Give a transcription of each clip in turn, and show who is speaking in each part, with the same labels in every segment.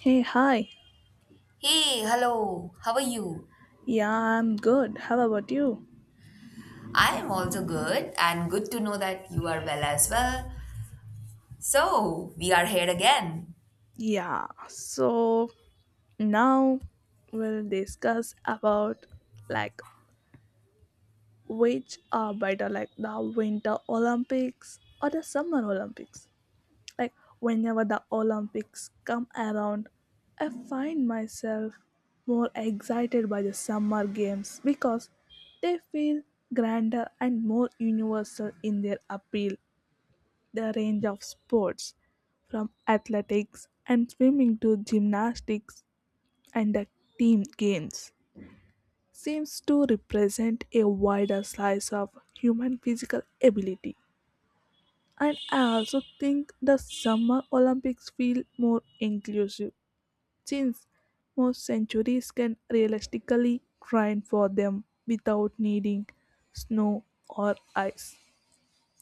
Speaker 1: Hey, hi.
Speaker 2: Hey, hello, how are you?
Speaker 1: Yeah, I'm good. How about you?
Speaker 2: I am also good, and good to know that you are well as well. So, we are here again.
Speaker 1: Yeah. So now we'll discuss about like which are better, like the winter Olympics or the summer Olympics. Like whenever the Olympics come around, I find myself more excited by the summer games because they feel grander and more universal in their appeal, the range of sports, from athletics and swimming to gymnastics and the team games, seems to represent a wider slice of human physical ability. And I also think the Summer Olympics feel more inclusive since most centuries can realistically train for them without needing snow or ice.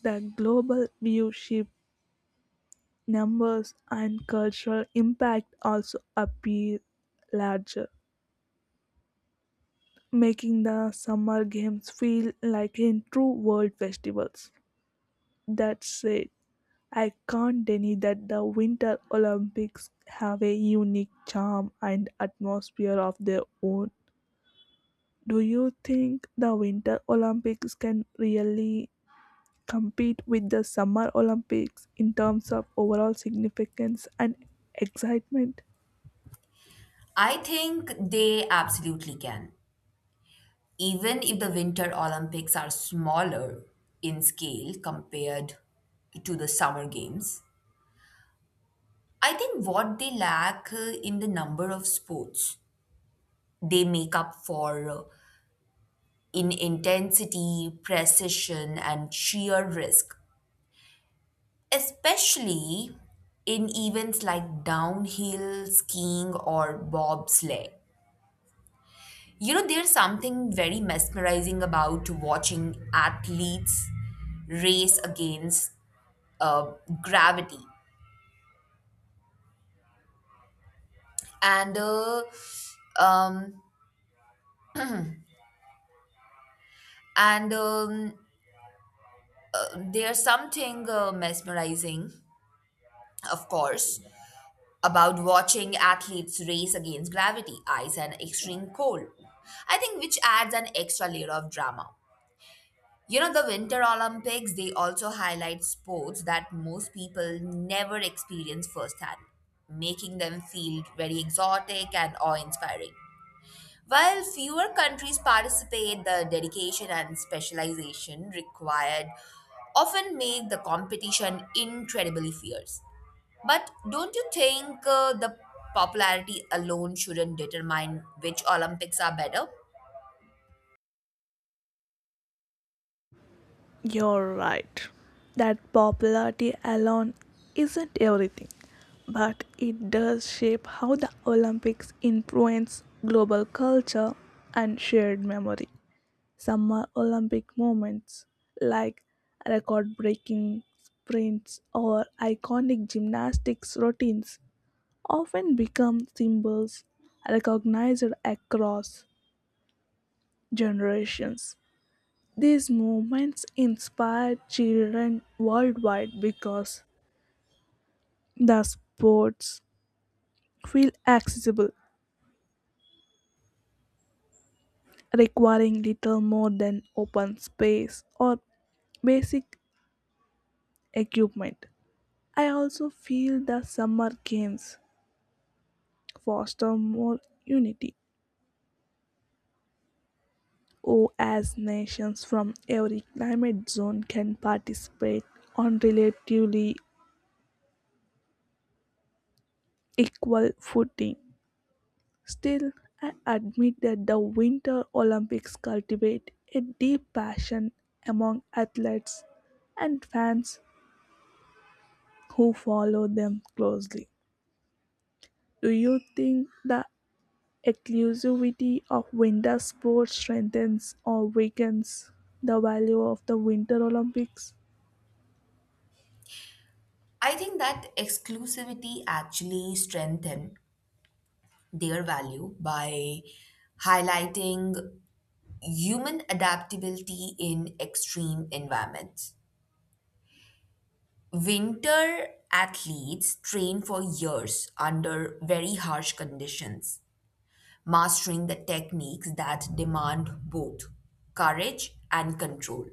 Speaker 1: The global view shift numbers and cultural impact also appear larger, making the Summer Games feel like in true world festivals. That said, I can't deny that the Winter Olympics have a unique charm and atmosphere of their own. Do you think the Winter Olympics can really compete with the Summer Olympics in terms of overall significance and excitement?
Speaker 2: I think they absolutely can. Even if the Winter Olympics are smaller in scale compared to the Summer Games, I think what they lack in the number of sports, they make up for in intensity, precision, and sheer risk especially in events like downhill skiing or bobsleigh. You know, there's something very mesmerizing about watching athletes race against uh, gravity, and uh, um, and there's something mesmerizing, of course, about watching athletes race against gravity, ice, and extreme cold. I think which adds an extra layer of drama. You know, the Winter Olympics, they also highlight sports that most people never experience firsthand, making them feel very exotic and awe inspiring. While fewer countries participate, the dedication and specialization required often make the competition incredibly fierce. But don't you think the popularity alone shouldn't determine which Olympics are better?
Speaker 1: You're right. That popularity alone isn't everything, but it does shape how the Olympics influence global culture and shared memory. Summer Olympic moments like record breaking sprints or iconic gymnastics routines often become symbols recognized across generations. These movements inspire children worldwide because the sports feel accessible, requiring little more than open space or basic equipment. I also feel the summer games foster more unity, or as nations from every climate zone can participate on relatively equal footing. Still, I admit that the Winter Olympics cultivate a deep passion among athletes and fans who follow them closely. Do you think the exclusivity of winter sports strengthens or weakens the value of the Winter Olympics?
Speaker 2: I think that exclusivity actually strengthens their value by highlighting human adaptability in extreme environments. Winter athletes train for years under very harsh conditions, mastering the techniques that demand both courage and control.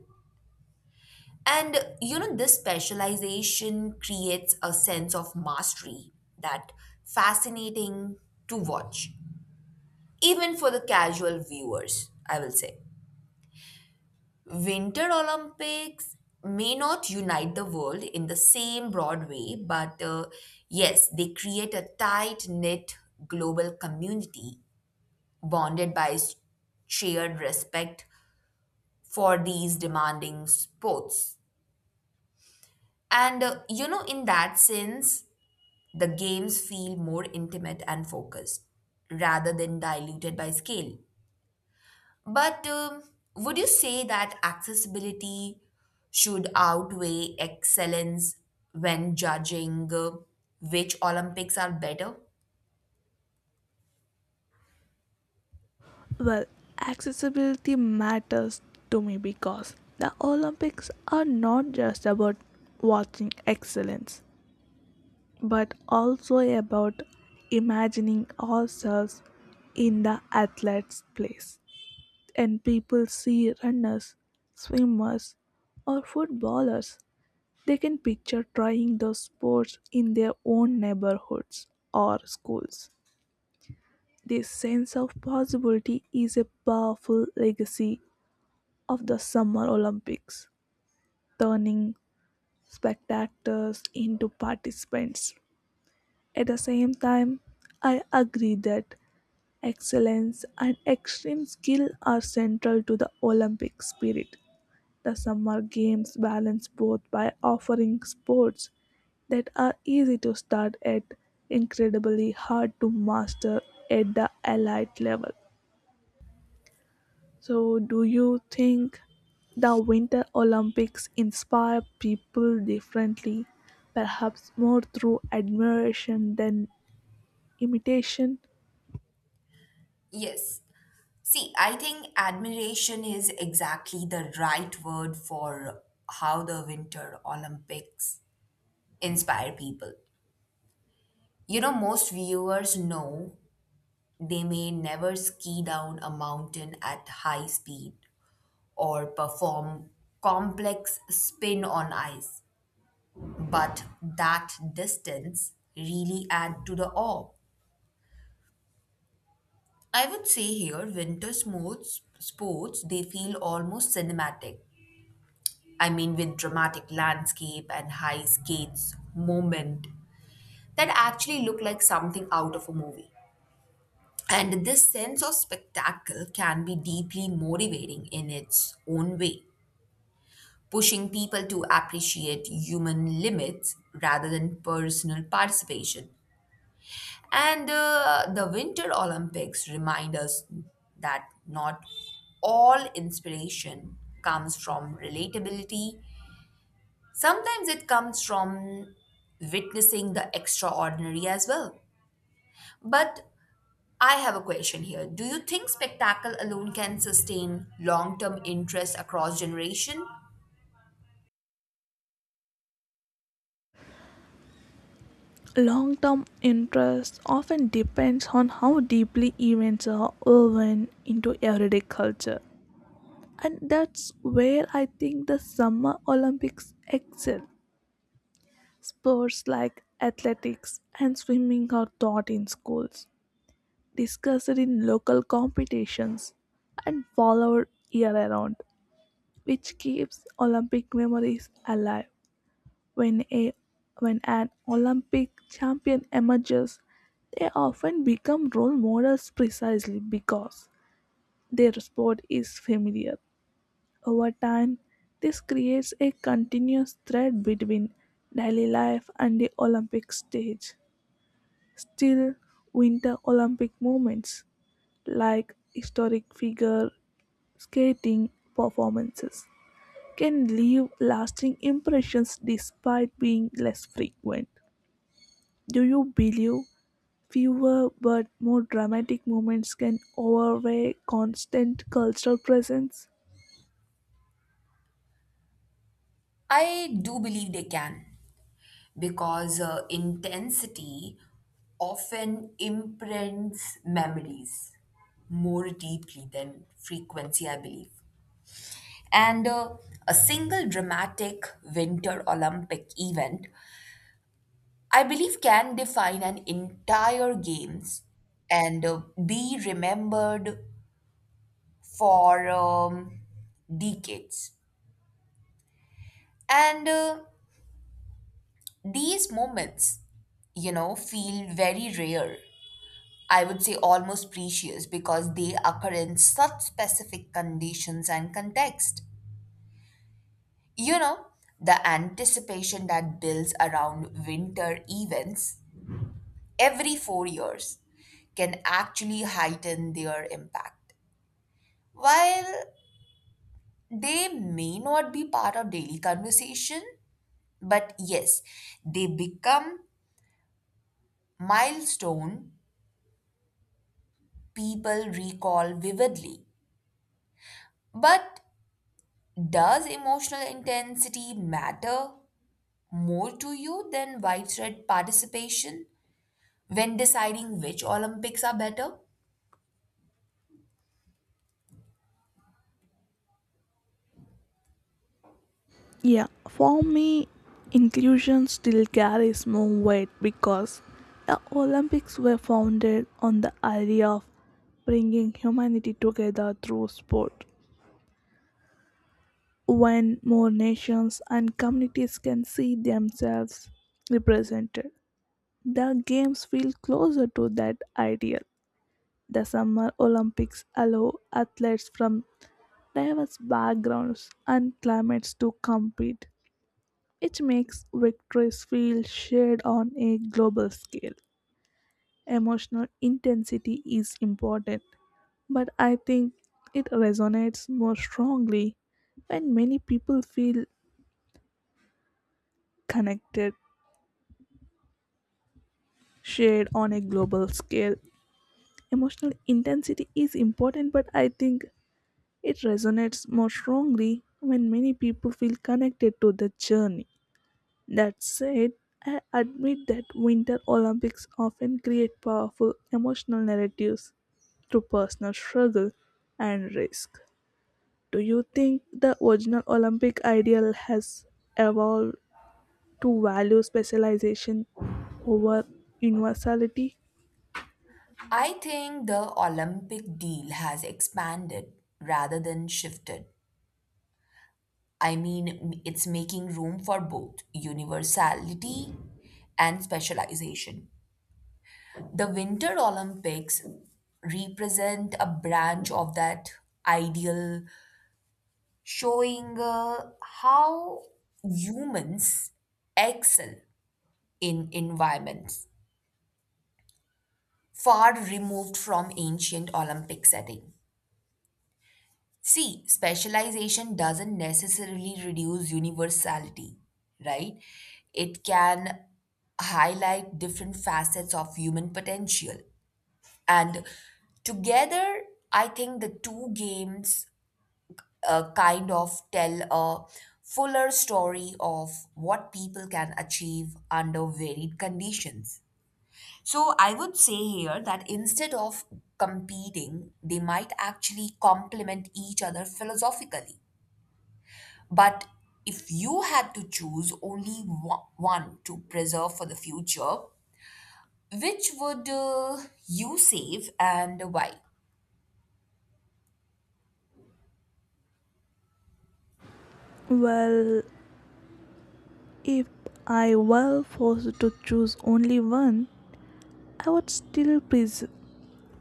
Speaker 2: And you know, this specialization creates a sense of mastery that fascinating to watch, even for the casual viewers, I will say. Winter Olympics may not unite the world in the same broad way, but yes, they create a tight knit global community bonded by shared respect for these demanding sports. And you know, in that sense, the games feel more intimate and focused rather than diluted by scale. But would you say that accessibility should outweigh excellence when judging which Olympics are better?
Speaker 1: Well, accessibility matters to me because the Olympics are not just about watching excellence, but also about imagining ourselves in the athlete's place. And people see runners, swimmers, or footballers. They can picture trying those sports in their own neighborhoods or schools. This sense of possibility is a powerful legacy of the Summer Olympics, turning spectators into participants. At the same time, I agree that excellence and extreme skill are central to the Olympic spirit. The Summer Games balance both by offering sports that are easy to start at, incredibly hard to master at the elite level. So, do you think the Winter Olympics inspire people differently, perhaps more through admiration than imitation?
Speaker 2: Yes. See, I think admiration is exactly the right word for how the Winter Olympics inspire people. You know, most viewers know they may never ski down a mountain at high speed or perform complex spin on ice. But that distance really add to the awe. I would say here winter sports they feel almost cinematic. I mean with dramatic landscape and high skates moment that actually look like something out of a movie. And this sense of spectacle can be deeply motivating in its own way, pushing people to appreciate human limits rather than personal participation. And the Winter Olympics remind us that not all inspiration comes from relatability. Sometimes it comes from witnessing the extraordinary as well. But I have a question here. Do you think spectacle alone can sustain long term interest across generation?
Speaker 1: Long term interest often depends on how deeply events are woven into everyday culture. And that's where I think the Summer Olympics excel. Sports like athletics and swimming are taught in schools, discussed in local competitions, and followed year round, which keeps Olympic memories alive. When a when an Olympic champion emerges, they often become role models precisely because their sport is familiar. Over time, this creates a continuous thread between daily life and the Olympic stage. Still, Winter Olympic moments like historic figure skating performances can leave lasting impressions despite being less frequent. Do you believe fewer but more dramatic moments can outweigh constant cultural presence?
Speaker 2: I do believe they can because intensity often imprints memories more deeply than frequency, I believe. And a single dramatic Winter Olympic event, I believe, can define an entire Games and be remembered for decades. And these moments, you know, feel very rare. I would say almost precious because they occur in such specific conditions and context. You know, the anticipation that builds around winter events every four years can actually heighten their impact. While they may not be part of daily conversation, but yes, they become milestone people recall vividly. But does emotional intensity matter more to you than widespread participation when deciding which Olympics are better?
Speaker 1: Yeah, for me, inclusion still carries more weight because the Olympics were founded on the idea of bringing humanity together through sport. When more nations and communities can see themselves represented, the games feel closer to that ideal. The Summer Olympics allow athletes from diverse backgrounds and climates to compete, which makes victories feel shared on a global scale. Emotional intensity is important, but I think it resonates more strongly when many people feel connected, shared on a global scale. Emotional intensity is important, but I think it resonates more strongly when many people feel connected to the journey. That said, I admit that Winter Olympics often create powerful emotional narratives through personal struggle and risk. Do you think the original Olympic ideal has evolved to value specialization over universality?
Speaker 2: I think the Olympic deal has expanded rather than shifted. I mean, it's making room for both universality and specialization. The Winter Olympics represent a branch of that ideal showing how humans excel in environments far removed from ancient Olympic setting. See, specialization doesn't necessarily reduce universality, right? It can highlight different facets of human potential. And together, I think the two games kind of tell a fuller story of what people can achieve under varied conditions. So I would say here that instead of competing, they might actually complement each other philosophically. But if you had to choose only one to preserve for the future, which would you save and why?
Speaker 1: Well, if I were forced to choose only one, I would still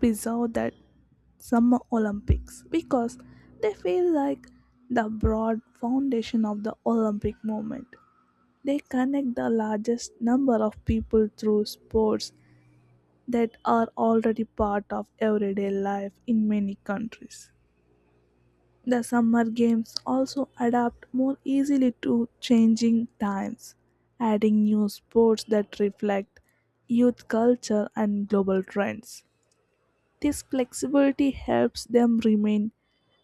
Speaker 1: preserve that Summer Olympics because they feel like the broad foundation of the Olympic movement. They connect the largest number of people through sports that are already part of everyday life in many countries. The Summer Games also adapt more easily to changing times, adding new sports that reflect youth culture and global trends. This flexibility helps them remain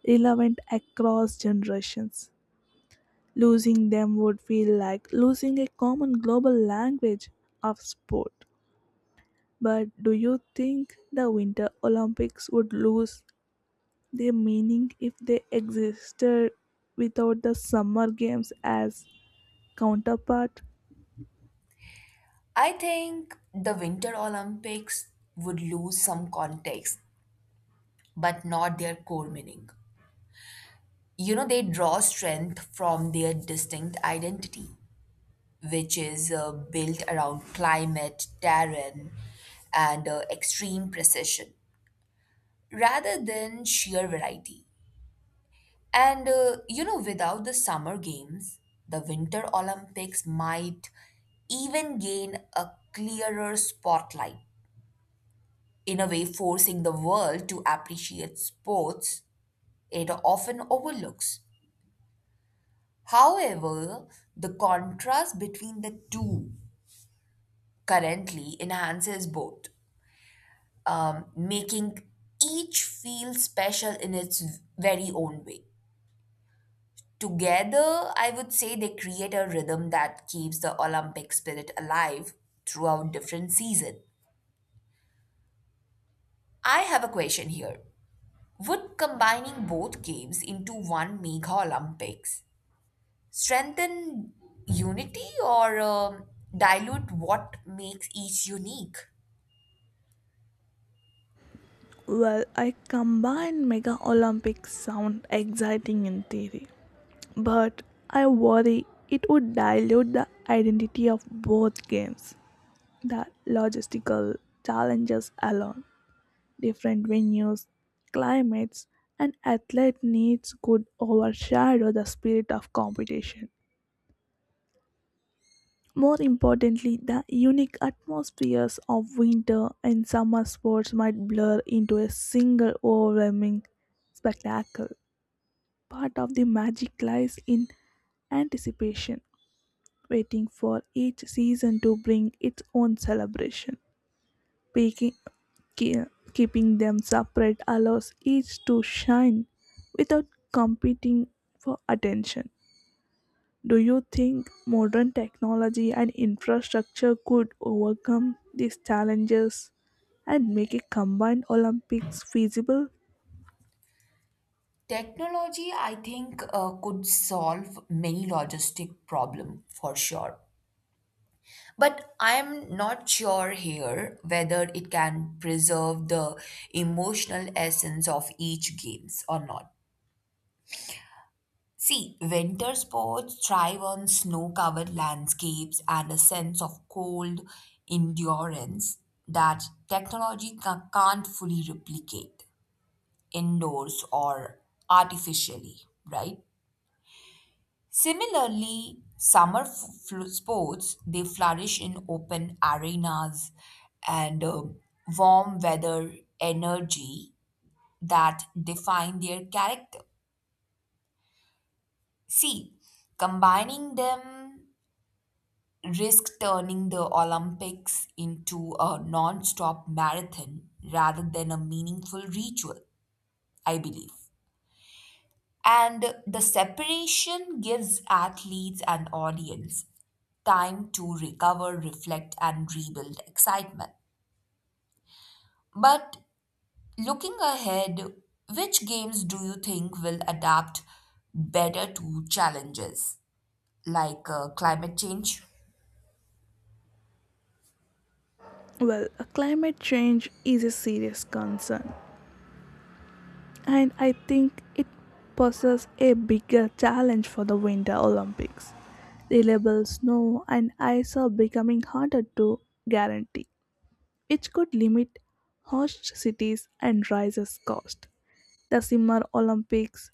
Speaker 1: relevant across generations. Losing them would feel like losing a common global language of sport. But do you think the Winter Olympics would lose their meaning if they existed without the Summer Games as counterpart?
Speaker 2: I think the Winter Olympics would lose some context but not their core meaning. You know, they draw strength from their distinct identity, which is built around climate, terrain, and extreme precision, rather than sheer variety. And you know, without the Summer Games, the Winter Olympics might even gain a clearer spotlight, in a way, forcing the world to appreciate sports it often overlooks. However, the contrast between the two currently enhances both, making each feel special in its very own way. Together, I would say they create a rhythm that keeps the Olympic spirit alive throughout different seasons. I have a question here. Would combining both games into one mega Olympics strengthen unity or dilute what makes each unique?
Speaker 1: Well, I combine Mega Olympics sound exciting in theory but I worry it would dilute the identity of both games. The logistical challenges alone, different venues, climates, and athlete needs could overshadow the spirit of competition. More importantly, the unique atmospheres of winter and summer sports might blur into a single overwhelming spectacle. Part of the magic lies in anticipation waiting for each season to bring its own celebration. Making, keeping them separate allows each to shine without competing for attention. Do you think modern technology and infrastructure could overcome these challenges and make a combined Olympics feasible?
Speaker 2: Technology, I think, could solve many logistic problem for sure. But I am not sure here whether it can preserve the emotional essence of each games or not. See, winter sports thrive on snow-covered landscapes and a sense of cold endurance that technology can't fully replicate indoors or artificially, right? Similarly, summer sports they flourish in open arenas and warm weather energy that define their character. See, combining them risk turning the Olympics into a non-stop marathon rather than a meaningful ritual, I believe. And the separation gives athletes and audience time to recover, reflect, and rebuild excitement. But looking ahead, which games do you think will adapt better to challenges like climate change?
Speaker 1: Well, climate change is a serious concern and I think it poses a bigger challenge for the Winter Olympics. Reliable snow and ice are becoming harder to guarantee, which could limit host cities and rises cost. The Summer Olympics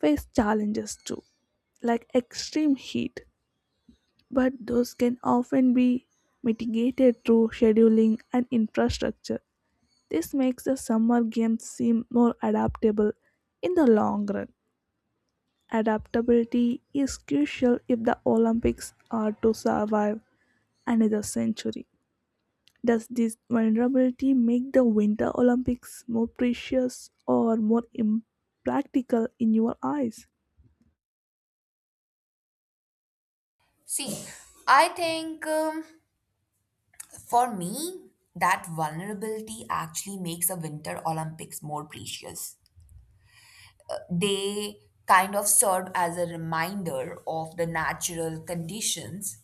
Speaker 1: face challenges too, like extreme heat, but those can often be mitigated through scheduling and infrastructure. This makes the Summer Games seem more adaptable in the long run. Adaptability is crucial if the Olympics are to survive another century. Does this vulnerability make the Winter Olympics more precious or more impractical in your eyes?
Speaker 2: See, I think for me, that vulnerability actually makes a Winter Olympics more precious. They kind of served as a reminder of the natural conditions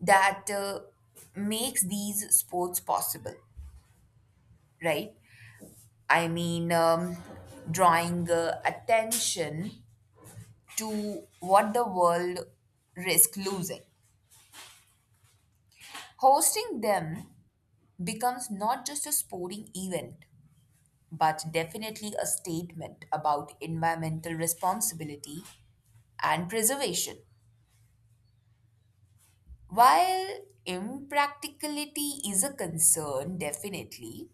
Speaker 2: that makes these sports possible, right? I mean drawing attention to what the world risks losing. Hosting them becomes not just a sporting event but definitely a statement about environmental responsibility and preservation. While impracticality is a concern, definitely,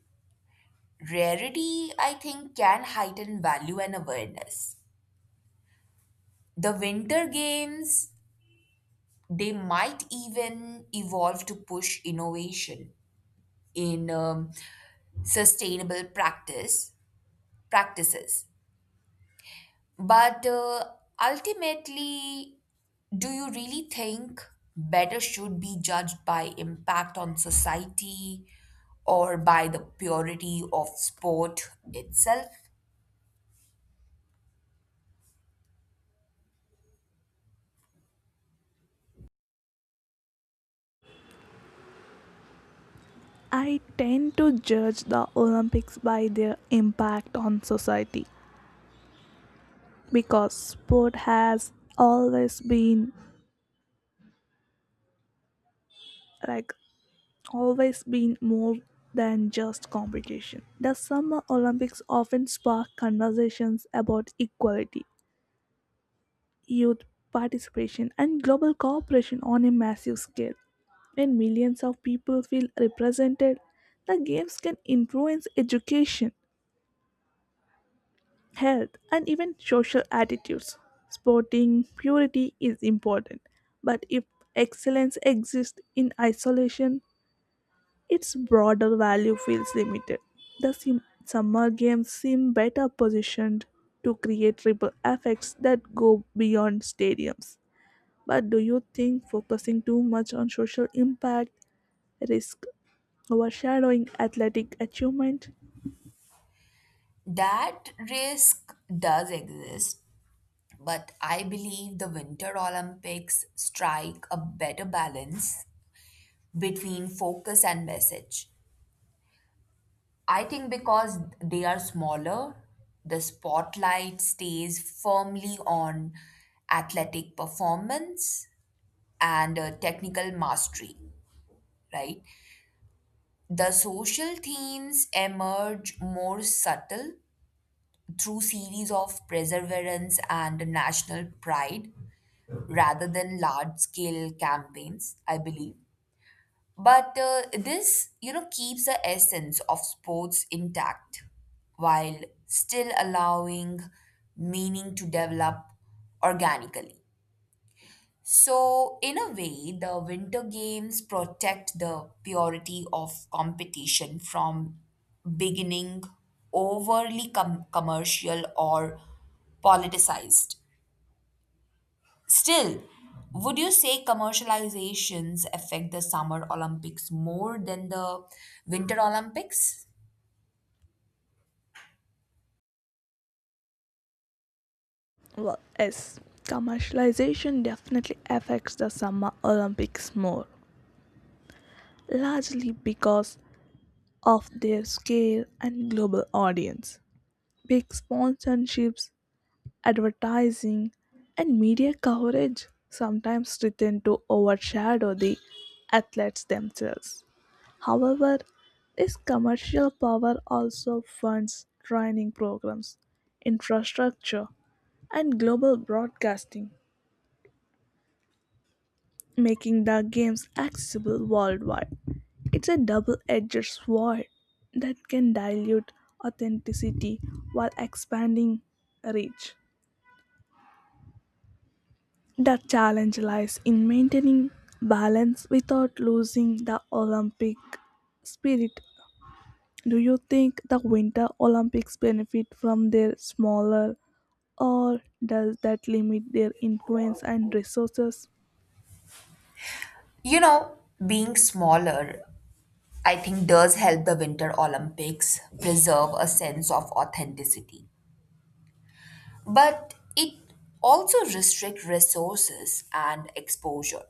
Speaker 2: rarity, I think, can heighten value and awareness. The Winter Games, they might even evolve to push innovation in sustainable practices. But ultimately, do you really think better should be judged by impact on society or by the purity of sport itself?
Speaker 1: I tend to judge the Olympics by their impact on society because sport has always been like more than just competition. The Summer Olympics often spark conversations about equality, youth participation, and global cooperation on a massive scale. When millions of people feel represented, the games can influence education, health, and even social attitudes. Sporting purity is important, but if excellence exists in isolation, its broader value feels limited. The summer games seem better positioned to create ripple effects that go beyond stadiums. But do you think focusing too much on social impact risks overshadowing athletic achievement?
Speaker 2: That risk does exist, but I believe the Winter Olympics strike a better balance between focus and message. I think because they are smaller, the spotlight stays firmly on athletic performance and technical mastery, right? The social themes emerge more subtle through series of perseverance and national pride rather than large scale campaigns, I believe. But this, you know, keeps the essence of sports intact while still allowing meaning to develop organically. So, in a way, the Winter Games protect the purity of competition from beginning overly commercial or politicized. Still, would you say commercializations affect the Summer Olympics more than the Winter Olympics?
Speaker 1: Well, yes, commercialization definitely affects the Summer Olympics more, largely because of their scale and global audience. Big sponsorships advertising, and media coverage sometimes threaten to overshadow the athletes themselves. However, this commercial power also funds training programs, infrastructure, and global broadcasting, making the games accessible worldwide. It's a double edged sword that can dilute authenticity while expanding reach. The challenge lies in maintaining balance without losing the Olympic spirit. Do you think the Winter Olympics benefit from their smaller or does that limit their influence and resources?
Speaker 2: You know, being smaller, I think does help the Winter Olympics preserve a sense of authenticity, but it also restricts resources and exposure.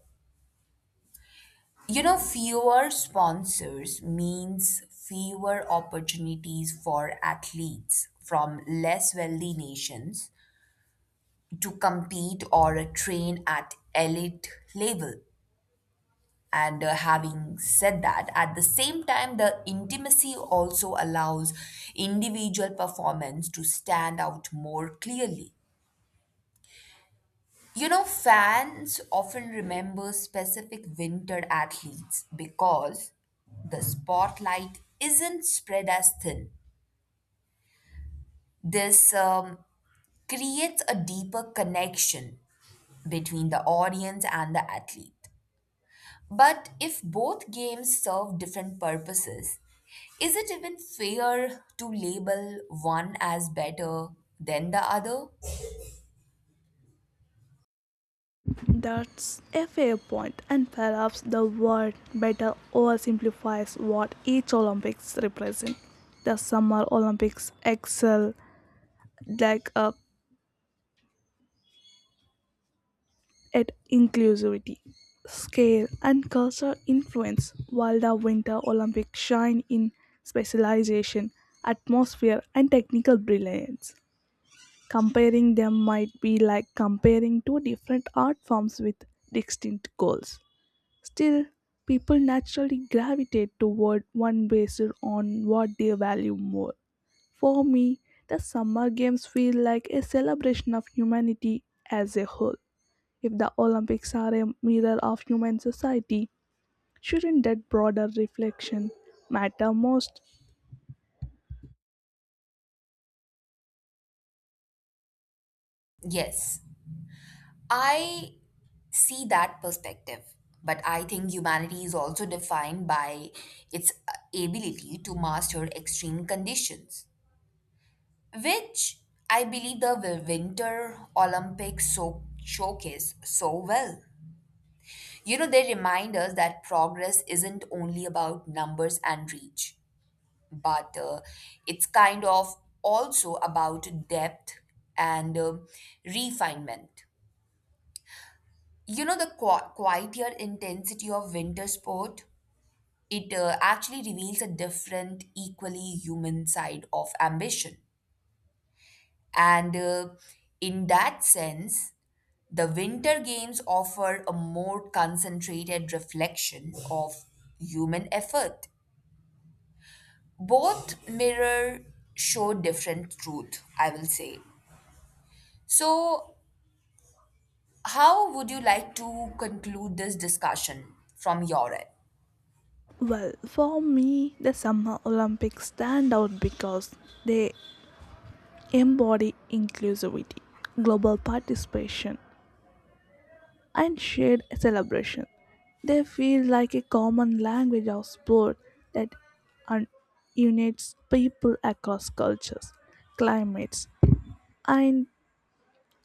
Speaker 2: You know, fewer sponsors means fewer opportunities for athletes from less wealthy nations to compete or train at elite level. And having said that, at the same time, the intimacy also allows individual performance to stand out more clearly. You know, fans often remember specific winter athletes because the spotlight isn't spread as thin. This creates a deeper connection between the audience and the athlete. But if both games serve different purposes, is it even fair to label one as better than the other?
Speaker 1: That's a fair point, and perhaps the word better oversimplifies what each Olympics represents. The Summer Olympics excel like a at inclusivity, scale, and cultural influence, while the Winter Olympics shine in specialization, atmosphere, and technical brilliance. Comparing them might be like comparing two different art forms with distinct goals. Still, people naturally gravitate toward one based on what they value more. For me, the Summer Games feel like a celebration of humanity as a whole, if the Olympics are a mirror of human society, shouldn't that broader reflection matter most?
Speaker 2: Yes. I see that perspective. But I think humanity is also defined by its ability to master extreme conditions, which I believe the Winter Olympics so showcase so well. You know, they remind us that progress isn't only about numbers and reach, but it's kind of also about depth and refinement. You know, the quieter intensity of winter sport. It actually reveals a different, equally human side of ambition. And in that sense, the Winter Games offer a more concentrated reflection of human effort. Both mirror show different truth, I will say. So, how would you like to conclude this discussion from your end?
Speaker 1: Well, for me, the Summer Olympics stand out because they embody inclusivity, global participation, and shared celebration. They feel like a common language of sport that un- unites people across cultures, climates, and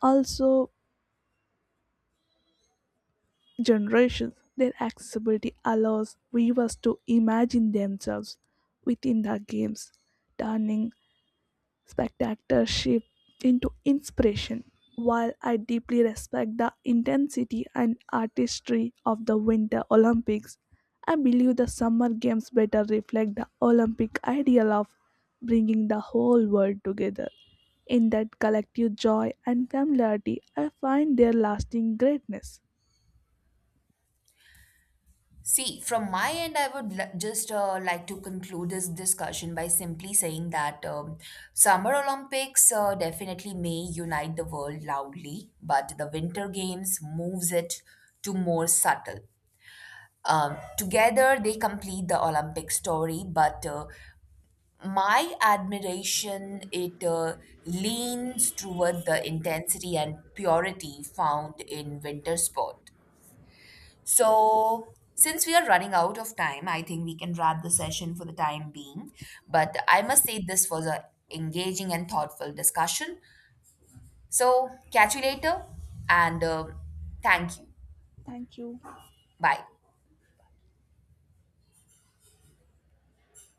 Speaker 1: also generations, their accessibility allows viewers to imagine themselves within the games, turning spectatorship into inspiration. While I deeply respect the intensity and artistry of the Winter Olympics, I believe the Summer Games better reflect the Olympic ideal of bringing the whole world together. In that collective joy and familiarity, I find their lasting greatness.
Speaker 2: See, from my end, I would just like to conclude this discussion by simply saying that Summer Olympics definitely may unite the world loudly, but the Winter Games moves it to more subtle. Together, they complete the Olympic story, but my admiration it leans toward the intensity and purity found in winter sport. So, since we are running out of time, I think we can wrap the session for the time being. But I must say, this was a engaging and thoughtful discussion. So, catch you later, and thank you.
Speaker 1: Thank you.
Speaker 2: Bye.